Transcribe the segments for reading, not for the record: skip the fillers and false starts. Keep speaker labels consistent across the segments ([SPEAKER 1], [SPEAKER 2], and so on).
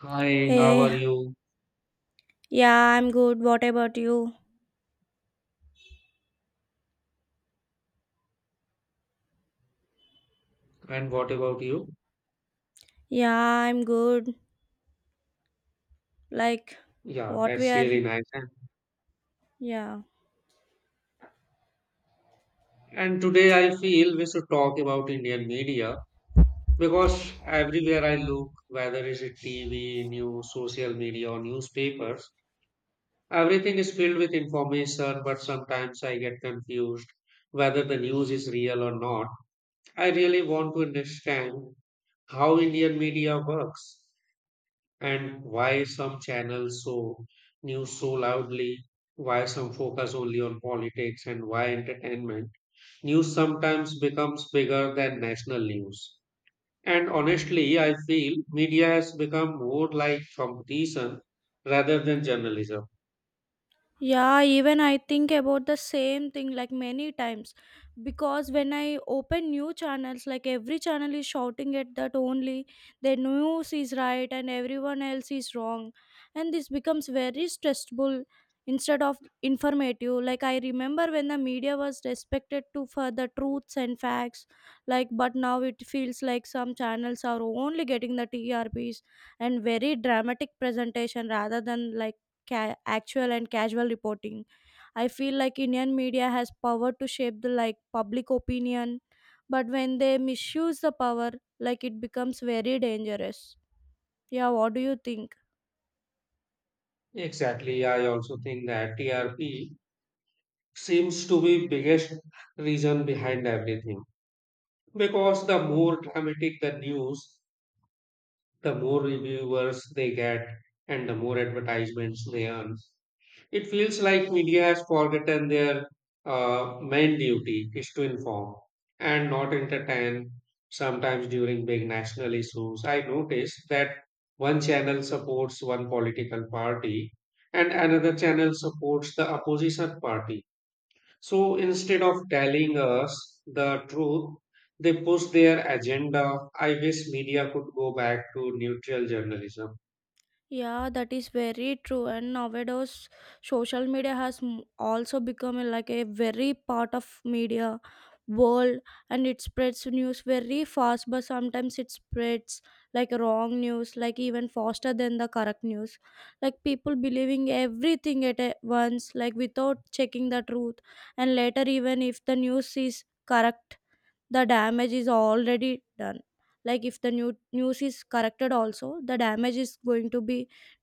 [SPEAKER 1] Hi, how
[SPEAKER 2] Hey,
[SPEAKER 1] are you?
[SPEAKER 2] yeah, I'm good. What about you?
[SPEAKER 1] And what about you?
[SPEAKER 2] Yeah, I'm good. Like,
[SPEAKER 1] Yeah,
[SPEAKER 2] what we
[SPEAKER 1] that's
[SPEAKER 2] are,
[SPEAKER 1] really nice. And,
[SPEAKER 2] yeah.
[SPEAKER 1] and today I feel we should talk about Indian media because everywhere I look, whether it's a TV, news, social media, or newspapers, everything is filled with information, but sometimes I get confused whether the news is real or not. I really want to understand how Indian media works, and why some channels show news so loudly, why some focus only on politics, and why entertainment news sometimes becomes bigger than national news. And honestly, I feel media has become more like competition rather than journalism.
[SPEAKER 2] Yeah, even I think about the same thing like many times because when I open new channels, like every channel is shouting at that only the news is right and everyone else is wrong, and this becomes very stressful instead of informative. Like, I remember when the media was respected to for the truths and facts, like, but now it feels like some channels are only getting the TRPs and very dramatic presentation rather than like actual and casual reporting. I feel like Indian media has power to shape the like public opinion, but when they misuse the power, like it becomes very dangerous. Yeah, what do you think?
[SPEAKER 1] Exactly, I also think that TRP seems to be biggest reason behind everything because the more dramatic the news, the more reviewers they get and the more advertisements they earn. It feels like media has forgotten their main duty is to inform and not entertain. Sometimes during big national issues, I noticed that one channel supports one political party and another channel supports the opposition party, so instead of telling us the truth, they push their agenda. I wish media could go back to neutral journalism.
[SPEAKER 2] Yeah, that is very true. And nowadays, social media has also become like a very part of media world, and it spreads news very fast. But sometimes it spreads like wrong news, like even faster than the correct news. Like people believing everything at once, like without checking the truth, and later even if the news is correct the damage is already done, like if the new news is corrected also the damage is going to be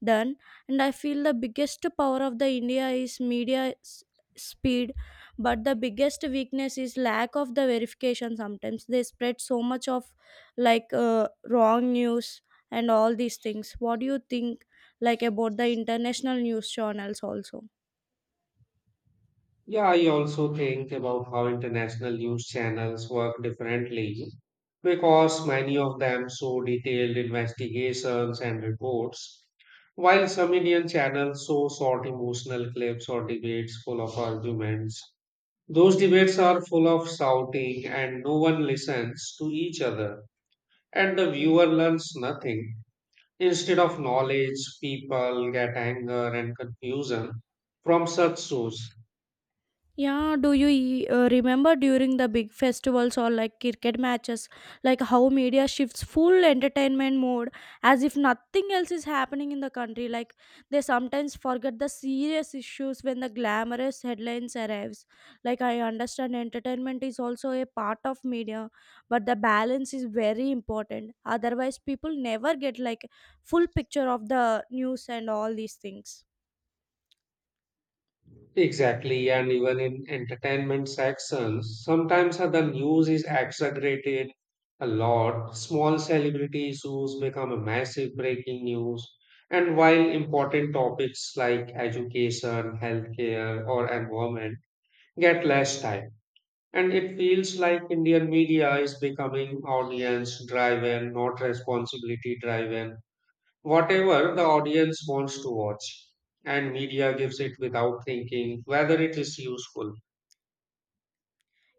[SPEAKER 2] done. And I feel the biggest power of the India is media speed, but the biggest weakness is lack of the verification. Sometimes they spread so much of like wrong news and all these things. What do you think, like about the international news channels also?
[SPEAKER 1] Yeah, I also think about how international news channels work differently because many of them show detailed investigations and reports, while some Indian channels show short emotional clips or debates full of arguments. Those debates are full of shouting and no one listens to each other, and the viewer learns nothing. Instead of knowledge, people get anger and confusion from such shows.
[SPEAKER 2] Yeah, do you remember during the big festivals or like cricket matches, like how media shifts full entertainment mode as if nothing else is happening in the country? Like they sometimes forget the serious issues when the glamorous headlines arrives. Like I understand entertainment is also a part of media, but the balance is very important. Otherwise, people never get like full picture of the news and all these things.
[SPEAKER 1] Exactly, and even in entertainment sections, sometimes the news is exaggerated a lot. Small celebrity issues become a massive breaking news, and while important topics like education, healthcare, or environment get less time. And it feels like Indian media is becoming audience driven, not responsibility driven. Whatever the audience wants to watch, and media gives it without thinking whether it is useful.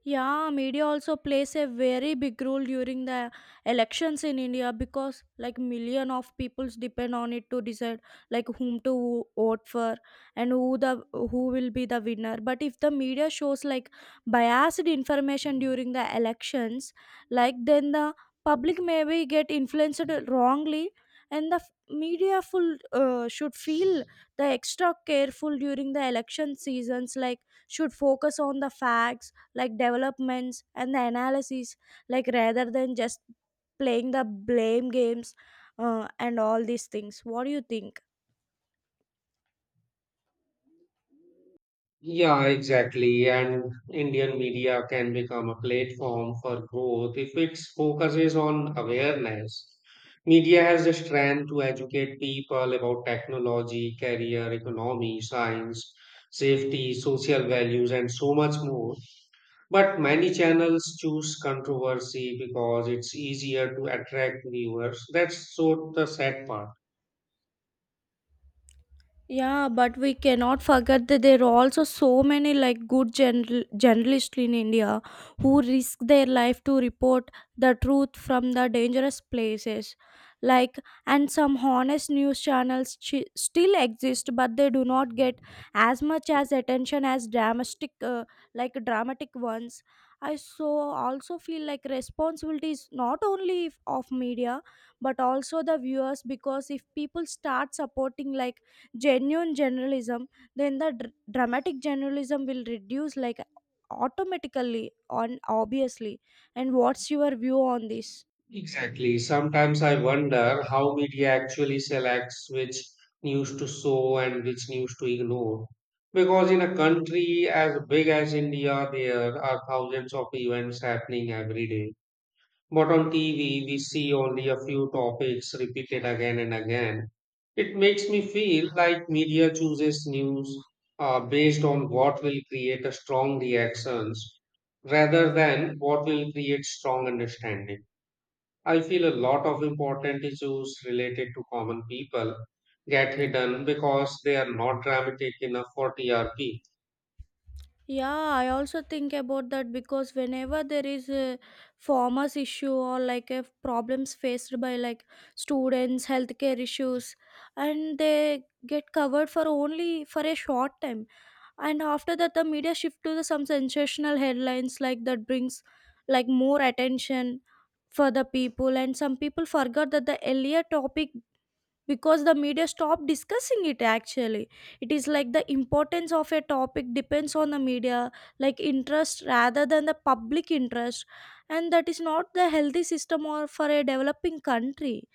[SPEAKER 2] Yeah, media also plays a very big role during the elections in India because like million of peoples depend on it to decide like whom to vote for and who the who will be the winner. But if the media shows like biased information during the elections, like then the public maybe get influenced wrongly. And the media full should feel the extra careful during the election seasons, like should focus on the facts like developments and the analysis, like rather than just playing the blame games. And all these things, what do you think?
[SPEAKER 1] Yeah, exactly. And Indian media can become a platform for growth if it focuses on awareness. Media has the strength to educate people about technology, career, economy, science, safety, social values, and so much more. But many channels choose controversy because it's easier to attract viewers. That's so the sad part.
[SPEAKER 2] Yeah, but we cannot forget that there are also so many like good general, journalists in India who risk their life to report the truth from the dangerous places. Like, and some honest news channels still exist, but they do not get as much as attention as dramatic, like dramatic ones. I so also feel like responsibility is not only of media but also the viewers, because if people start supporting like genuine journalism then the dramatic journalism will reduce like automatically on obviously. And what's your view on this?
[SPEAKER 1] Exactly. Sometimes I wonder how media actually selects which news to show and which news to ignore, because in a country as big as India, there are thousands of events happening every day. But on TV, we see only a few topics repeated again and again. It makes me feel like media chooses news based on what will create a strong reactions rather than what will create strong understanding. I feel a lot of important issues related to common people get hidden because they are not dramatic enough for TRP.
[SPEAKER 2] Yeah, I also think about that because whenever there is a farmers issue or like a problems faced by like students, healthcare issues, and they get covered for only for a short time. And after that the media shift to the, some sensational headlines like that brings like more attention for the people, and some people forgot that the earlier topic because the media stopped discussing it. Actually, it is like the importance of a topic depends on the media like interest rather than the public interest, and that is not the healthy system or for a developing country.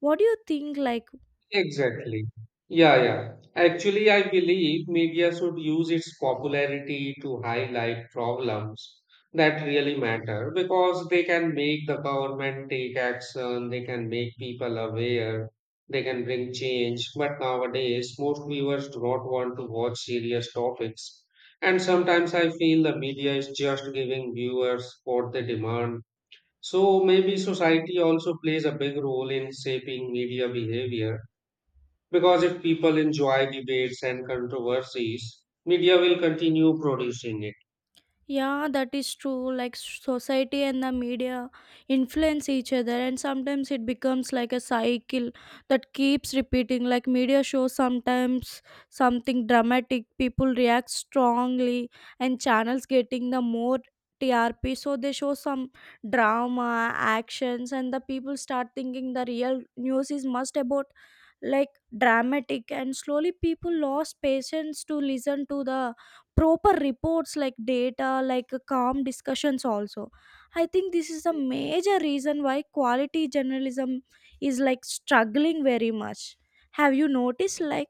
[SPEAKER 2] What do you think, like?
[SPEAKER 1] Exactly. Yeah, yeah. Actually, I believe media should use its popularity to highlight problems that really matter because they can make the government take action, they can make people aware, they can bring change. But nowadays, most viewers do not want to watch serious topics. And sometimes I feel the media is just giving viewers what they demand. So maybe society also plays a big role in shaping media behavior because if people enjoy debates and controversies, media will continue producing it.
[SPEAKER 2] Yeah, that is true. Like society and the media influence each other, and sometimes it becomes like a cycle that keeps repeating. Like media shows sometimes something dramatic, people react strongly, and channels getting the more TRP. So they show some drama, actions, and the people start thinking the real news is must about like dramatic, and slowly people lost patience to listen to the proper reports like data like calm discussions also. I think this is a major reason why quality journalism is like struggling very much. Have you noticed like?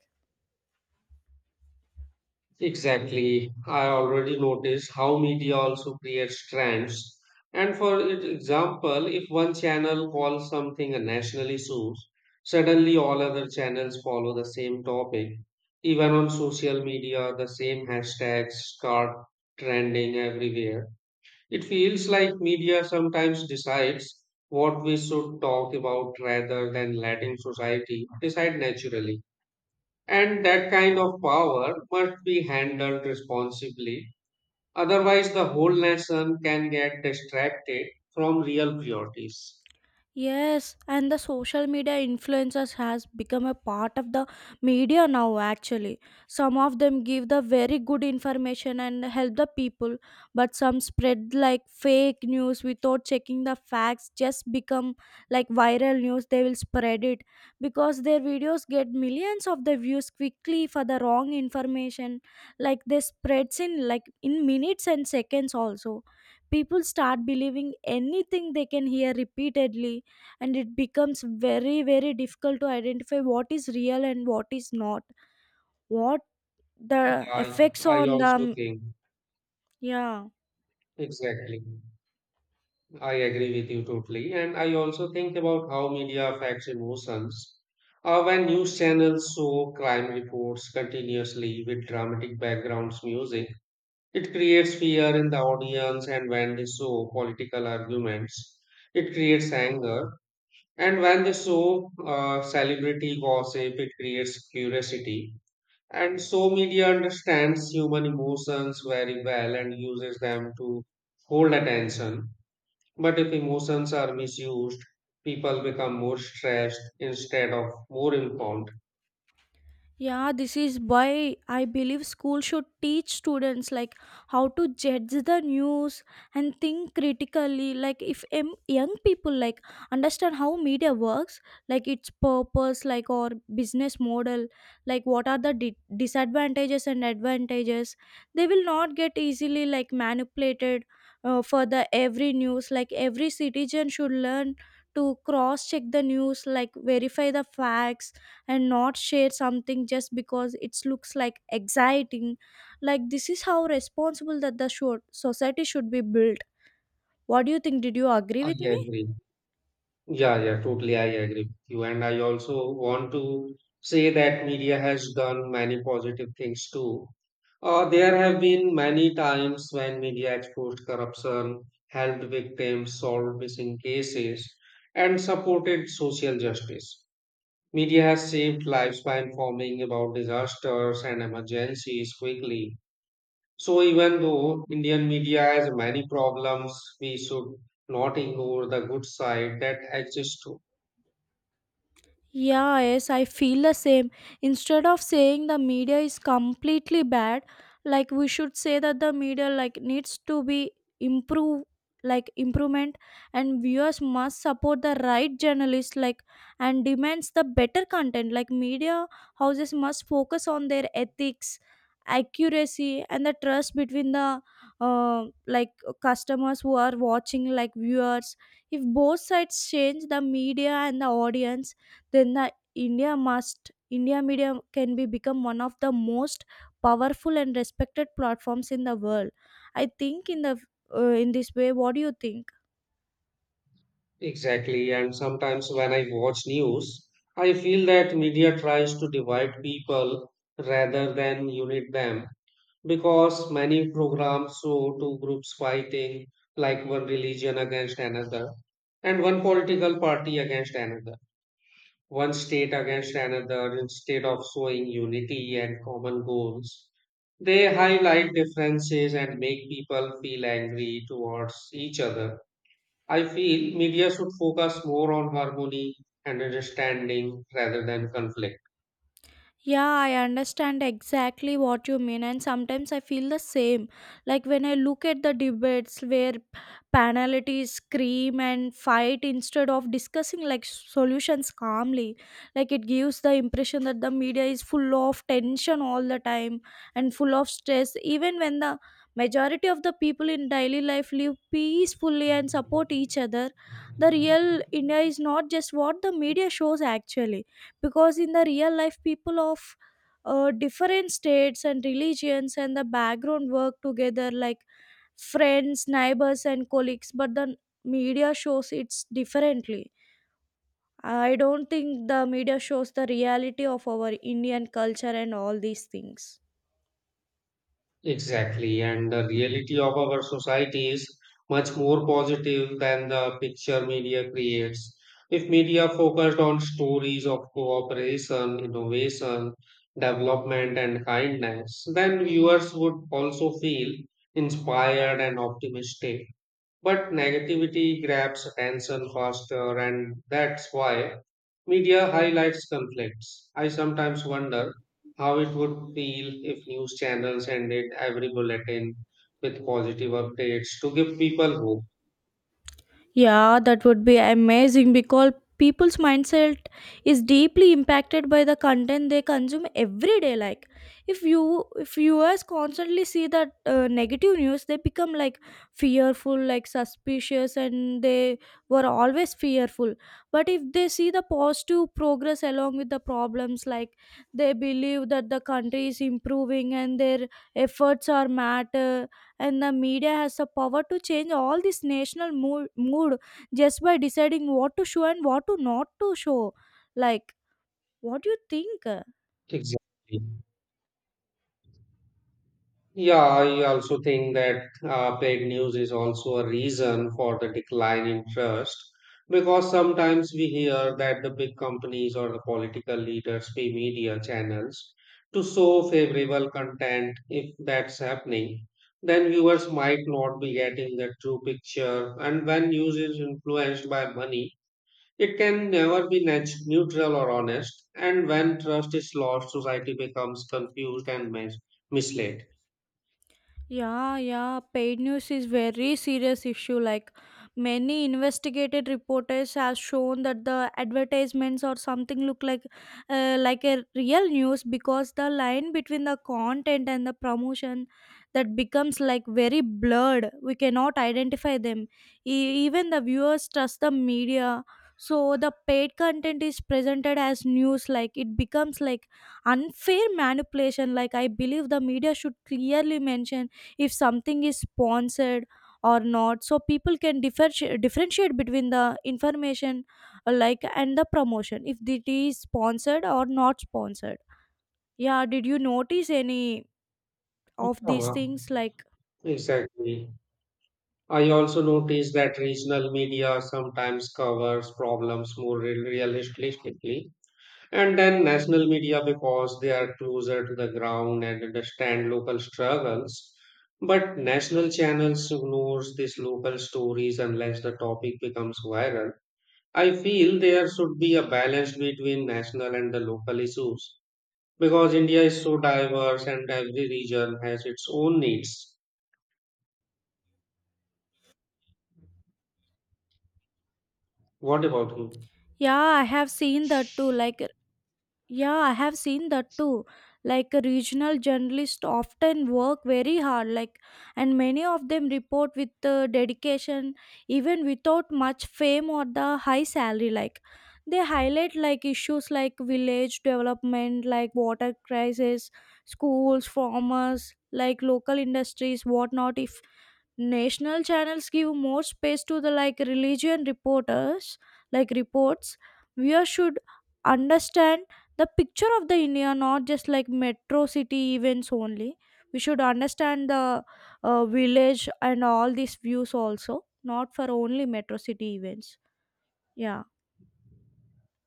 [SPEAKER 1] Exactly. I already noticed how media also creates trends. And for example, if one channel calls something a national issue, suddenly all other channels follow the same topic. Even on social media, the same hashtags start trending everywhere. It feels like media sometimes decides what we should talk about rather than letting society decide naturally. And that kind of power must be handled responsibly. Otherwise, the whole nation can get distracted from real priorities.
[SPEAKER 2] Yes, and the social media influencers has become a part of the media now actually. Some of them give the very good information and help the people, but some spread like fake news without checking the facts. Just become like viral news, they will spread it because their videos get millions of the views quickly. For the wrong information, like they spreads in like in minutes and seconds also. People start believing anything they can hear repeatedly, and it becomes very very difficult to identify what is real and what is not. What the
[SPEAKER 1] Yeah, I,
[SPEAKER 2] effects
[SPEAKER 1] I
[SPEAKER 2] on
[SPEAKER 1] also
[SPEAKER 2] the,
[SPEAKER 1] think,
[SPEAKER 2] yeah.
[SPEAKER 1] exactly. I agree with you totally. And I also think about how media affects emotions. When news channels show crime reports continuously with dramatic backgrounds music, it creates fear in the audience. And when they show political arguments, it creates anger. And when they show celebrity gossip, it creates curiosity. And so media understands human emotions very well and uses them to hold attention, but if emotions are misused, people become more stressed instead of more informed.
[SPEAKER 2] Yeah, this is why I believe school should teach students like how to judge the news and think critically. Like if young people like understand how media works, like its purpose, like or business model, like what are the disadvantages and advantages, they will not get easily like manipulated for the every news. Like every citizen should learn to cross check the news, like verify the facts, and not share something just because it looks like exciting. Like this is how responsible that the short society should be built. What do you think? Did you agree
[SPEAKER 1] I
[SPEAKER 2] with me?
[SPEAKER 1] agree. Yeah, yeah, totally. I agree with you. And I also want to say that media has done many positive things too. There have been many times when media exposed corruption, helped victims solved missing cases, and supported social justice. Media has saved lives by informing about disasters and emergencies quickly. So even though Indian media has many problems, we should not ignore the good side that exists too.
[SPEAKER 2] Yeah, yes, I feel the same. Instead of saying the media is completely bad, like we should say that the media like needs to be improve, like improvement, and viewers must support the right journalists like, and demands the better content. Like media houses must focus on their ethics, accuracy, and the trust between the like customers who are watching like viewers. If both sides change, the media and the audience, then the India must India media can be become one of the most powerful and respected platforms in the world. I think in the in this way, what do you think?
[SPEAKER 1] Exactly. And sometimes when I watch news, I feel that media tries to divide people rather than unite them because many programs show two groups fighting, like one religion against another and one political party against another, one state against another instead of showing unity and common goals. They highlight differences and make people feel angry towards each other. I feel media should focus more on harmony and understanding rather than conflict.
[SPEAKER 2] Yeah, I understand exactly what you mean, and sometimes I feel the same. Like when I look at the debates where panelists scream and fight instead of discussing like solutions calmly, like it gives the impression that the media is full of tension all the time and full of stress, even when the majority of the people in daily life live peacefully and support each other. The real India is not just what the media shows actually, because in the real life people of different states and religions and the background work together like friends, neighbors, and colleagues, but the media shows it's differently. I don't think the media shows the reality of our Indian culture and all these things.
[SPEAKER 1] Exactly, and the reality of our society is much more positive than the picture media creates. If media focused on stories of cooperation, innovation, development, and kindness, then viewers would also feel inspired and optimistic. But negativity grabs attention faster, and that's why media highlights conflicts. I sometimes wonder how it would feel if news channels ended every bulletin with positive updates to give people hope.
[SPEAKER 2] Yeah, that would be amazing because people's mindset is deeply impacted by the content they consume every day. Like, if viewers constantly see that negative news, they become like fearful, like suspicious, and they were always fearful. But if they see the positive progress along with the problems, like they believe that the country is improving and their efforts are matter. And the media has the power to change all this national mood, mood, just by deciding what to show and what to not to show, like. What do you think?
[SPEAKER 1] Exactly. Yeah, I also think that paid news is also a reason for the decline in trust because sometimes we hear that the big companies or the political leaders pay media channels to show favorable content. If that's happening, then viewers might not be getting the true picture. And when news is influenced by money, it can never be neutral or honest. And when trust is lost, society becomes confused and misled.
[SPEAKER 2] Yeah, yeah. Paid news is very serious issue. Like many investigated reporters have shown that the advertisements or something look like a real news, because the line between the content and the promotion that becomes like very blurred. We cannot identify them. Even the viewers trust the media. So the paid content is presented as news, like it becomes like unfair manipulation. Like I believe the media should clearly mention if something is sponsored or not, so people can differentiate between the information like and the promotion, if it is sponsored or not sponsored. Yeah, did you notice any of these
[SPEAKER 1] Uh-huh.
[SPEAKER 2] things like?
[SPEAKER 1] Exactly. I also noticed that regional media sometimes covers problems more realistically, and then national media because they are closer to the ground and understand local struggles. But national channels ignores these local stories unless the topic becomes viral. I feel there should be a balance between national and the local issues because India is so diverse and every region has its own needs. What about you?
[SPEAKER 2] yeah i have seen that too like Yeah, I have seen that too. Like regional journalists often work very hard, like, and many of them report with dedication, even without much fame or the high salary. Like, they highlight like issues like village development, like water crisis, schools, farmers, like local industries, whatnot. If National channels give more space to the like religion reporters, like reports. We should understand the picture of the India, not just like metro city events only. We should understand the village and all these views also, not for only metro city events. Yeah.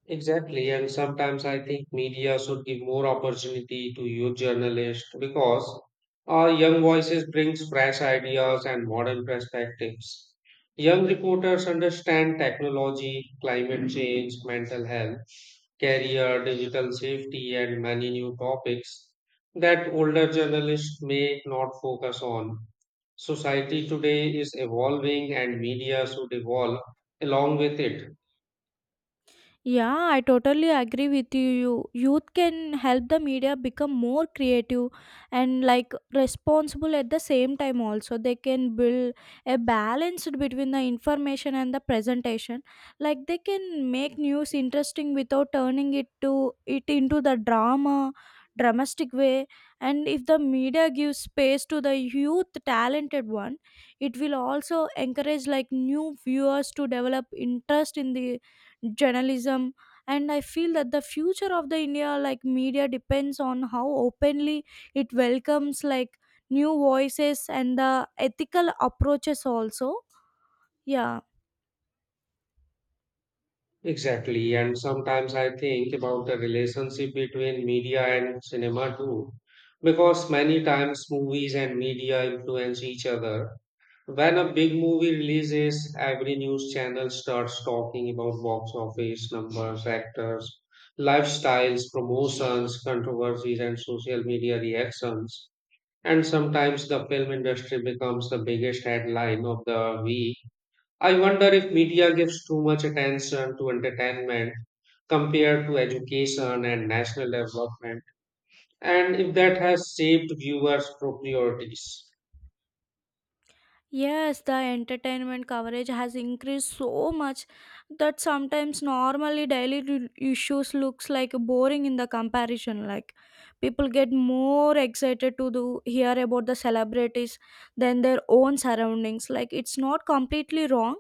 [SPEAKER 1] Exactly, and sometimes I think media should give more opportunity to youth journalists because our young voices brings fresh ideas and modern perspectives. Young reporters understand technology, climate change, mental health, career, digital safety, and many new topics that older journalists may not focus on. Society today is evolving, and media should evolve along with it.
[SPEAKER 2] Yeah, I totally agree with you. Youth can help the media become more creative and like responsible at the same time also. They can build a balance between the information and the presentation. Like they can make news interesting without turning it into the dramatic way. And if the media gives space to the youth talented one, it will also encourage like new viewers to develop interest in the journalism. And I feel that the future of the India like media depends on how openly it welcomes like new voices and the ethical approaches also. Yeah.
[SPEAKER 1] Exactly, and sometimes I think about the relationship between media and cinema too, because many times movies and media influence each other. When a big movie releases, every news channel starts talking about box office numbers, actors, lifestyles, promotions, controversies, and social media reactions. And sometimes the film industry becomes the biggest headline of the week. I wonder if media gives too much attention to entertainment compared to education and national development, and if that has shaped viewers' priorities.
[SPEAKER 2] Yes, the entertainment coverage has increased so much that sometimes normally daily issues looks like boring in the comparison. Like people get more excited to do hear about the celebrities than their own surroundings. Like it's not completely wrong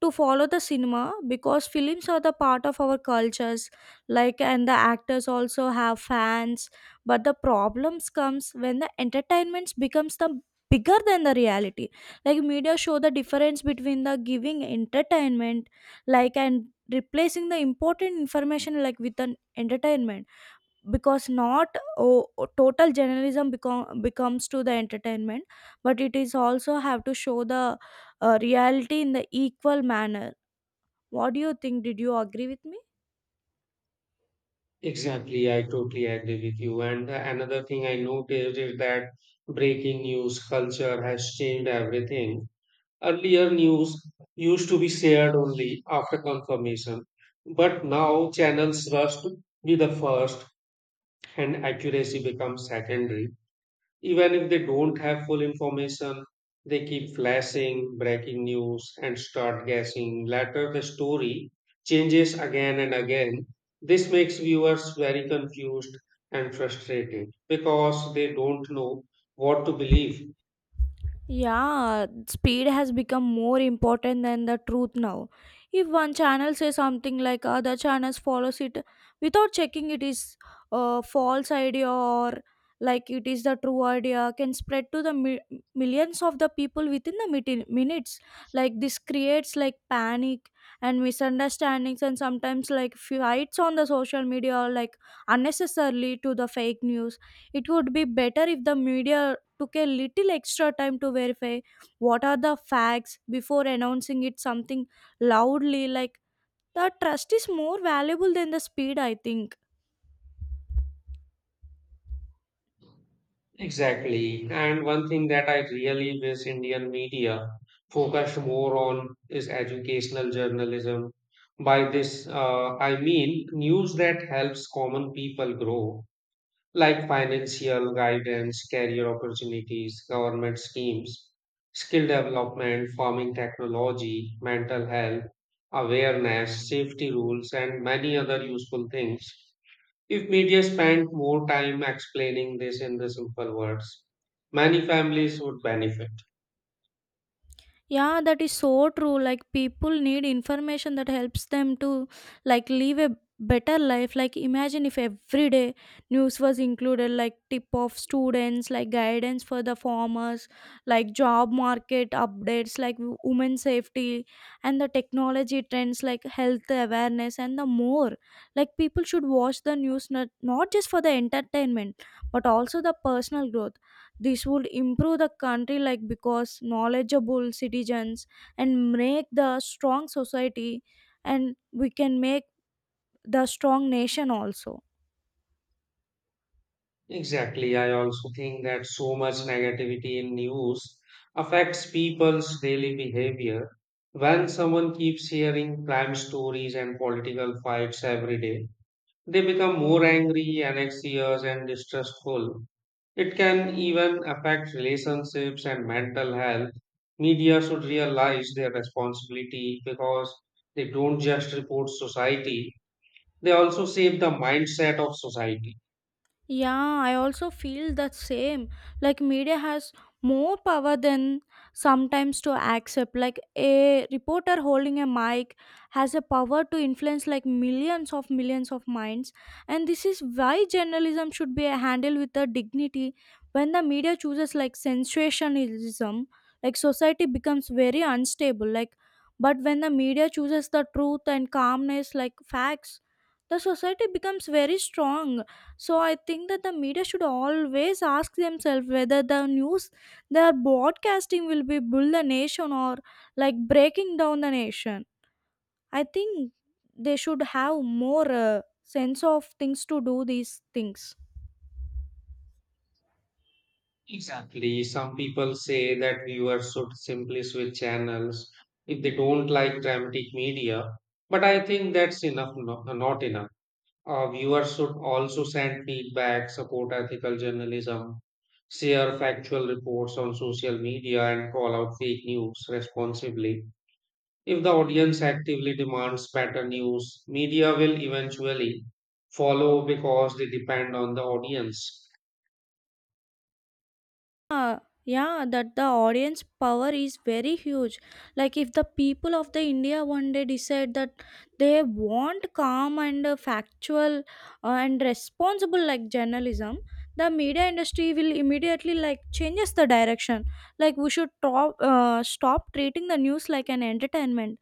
[SPEAKER 2] to follow the cinema, because films are the part of our cultures, like, and the actors also have fans. But the problems comes when the entertainments becomes the bigger than the reality. Like media show the difference between the giving entertainment like and replacing the important information like with an entertainment. Because not total journalism becomes to the entertainment, but it is also have to show the reality in the equal manner. What do you think? Did you agree with me?
[SPEAKER 1] Exactly, I totally agree with you. And another thing I noticed is that breaking news culture has changed everything. Earlier, news used to be shared only after confirmation, but now channels rush to be the first, and accuracy becomes secondary. Even if they don't have full information, they keep flashing breaking news and start guessing. Later, the story changes again and again. This makes viewers very confused and frustrated because they don't know what to believe.
[SPEAKER 2] Yeah, speed has become more important than the truth now. If one channel says something, like other channels follows it without checking it is a false idea or like it is the true idea, can spread to the millions of the people within the minutes. Like this creates like panic and misunderstandings and sometimes like fights on the social media like unnecessarily to the fake news. It would be better if the media took a little extra time to verify what are the facts before announcing it something loudly. Like the trust is more valuable than the speed, I think.
[SPEAKER 1] Exactly. And one thing that I really wish Indian media focused more on is educational journalism. By this, I mean news that helps common people grow, like financial guidance, career opportunities, government schemes, skill development, farming technology, mental health, awareness, safety rules, and many other useful things. If media spent more time explaining this in the simple words, many families would benefit.
[SPEAKER 2] Yeah, that is so true. Like people need information that helps them to like live a better life. Like imagine if every day news was included, like tip of students, like guidance for the farmers, like job market updates, like women safety and the technology trends, like health awareness and the more. Like people should watch the news not just for the entertainment, but also the personal growth. This would improve the country like, because knowledgeable citizens and make the strong society, and we can make the strong nation also.
[SPEAKER 1] Exactly. I also think that so much negativity in news affects people's daily behavior. When someone keeps hearing crime stories and political fights every day, they become more angry, anxious, and distrustful. It can even affect relationships and mental health. Media should realize their responsibility because they don't just report society, they also shape the mindset of society.
[SPEAKER 2] Yeah, I also feel the same. Like media has more power than sometimes to accept. Like a reporter holding a mic has a power to influence like millions of minds. And this is why journalism should be handled with a dignity. When the media chooses like sensationalism, like society becomes very unstable. Like but when the media chooses the truth and calmness, like facts, the society becomes very strong. So I think that the media should always ask themselves whether the news they are broadcasting will be build the nation or like breaking down the nation. I think they should have more sense of things to do these things.
[SPEAKER 1] Exactly. Some people say that viewers should simply switch channels if they don't like dramatic media, but I think that's enough, no, not enough. Viewers should also send feedback, support ethical journalism, share factual reports on social media, and call out fake news responsibly. If the audience actively demands better news, media will eventually follow because they depend on the audience.
[SPEAKER 2] Yeah. Yeah, that the audience power is very huge. Like if the people of the India one day decide that they want calm and factual and responsible like journalism, the media industry will immediately like changes the direction. Like we should stop treating the news like an entertainment,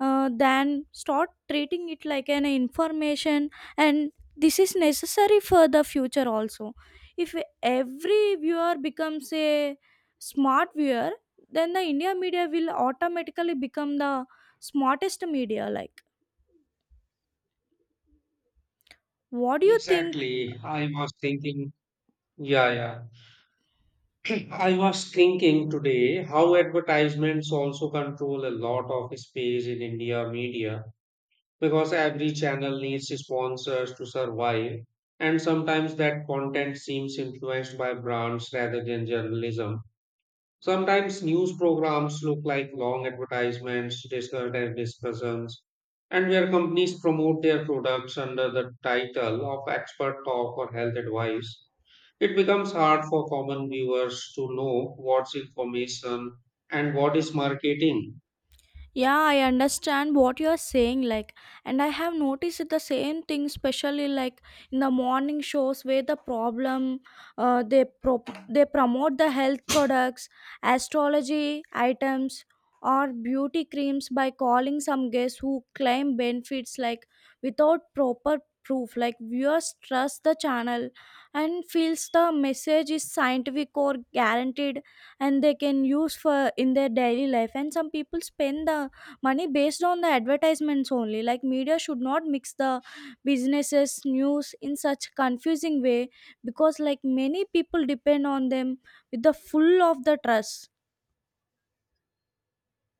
[SPEAKER 2] than start treating it like an information. And this is necessary for the future also. If every viewer becomes a smart viewer, then the India media will automatically become the smartest media. Like what do you think?
[SPEAKER 1] Exactly. I was thinking. Yeah, yeah. I was thinking today how advertisements also control a lot of space in India media because every channel needs sponsors to survive, and sometimes that content seems influenced by brands rather than journalism. Sometimes news programs look like long advertisements, discussed as discussions, and where companies promote their products under the title of expert talk or health advice, it becomes hard for common viewers to know what's information and what is marketing.
[SPEAKER 2] Yeah, I understand what you're saying. Like, and I have noticed the same thing, especially like in the morning shows where the problem they promote the health products, astrology items, or beauty creams by calling some guests who claim benefits like without proper proof. Like viewers trust the channel and feels the message is scientific or guaranteed, and they can use for in their daily life. And some people spend the money based on the advertisements only. Like media should not mix the businesses news in such confusing way, because like many people depend on them with the full of the trust.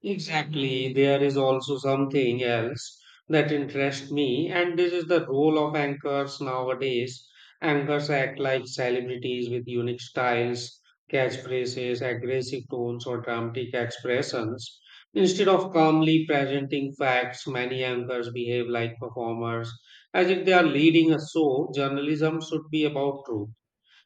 [SPEAKER 1] Exactly, there is also something else that interests me, and this is the role of anchors nowadays. Anchors act like celebrities with unique styles, catchphrases, aggressive tones, or dramatic expressions. Instead of calmly presenting facts, many anchors behave like performers, as if they are leading a show. Journalism should be about truth,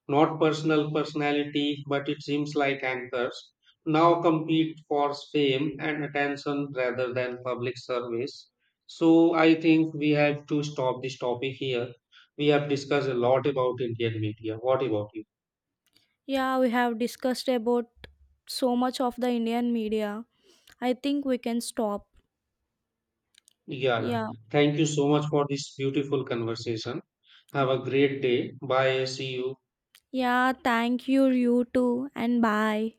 [SPEAKER 1] not personal personality, but it seems like anchors now compete for fame and attention rather than public service. So I think we have to stop this topic here. We have discussed a lot about Indian media. What about you?
[SPEAKER 2] Yeah, we have discussed about so much of the Indian media. I think we can stop.
[SPEAKER 1] Yeah, yeah.
[SPEAKER 2] Yeah.
[SPEAKER 1] Thank you so much for this beautiful conversation. Have a great day. Bye. See you.
[SPEAKER 2] Yeah, thank you, you too, and bye.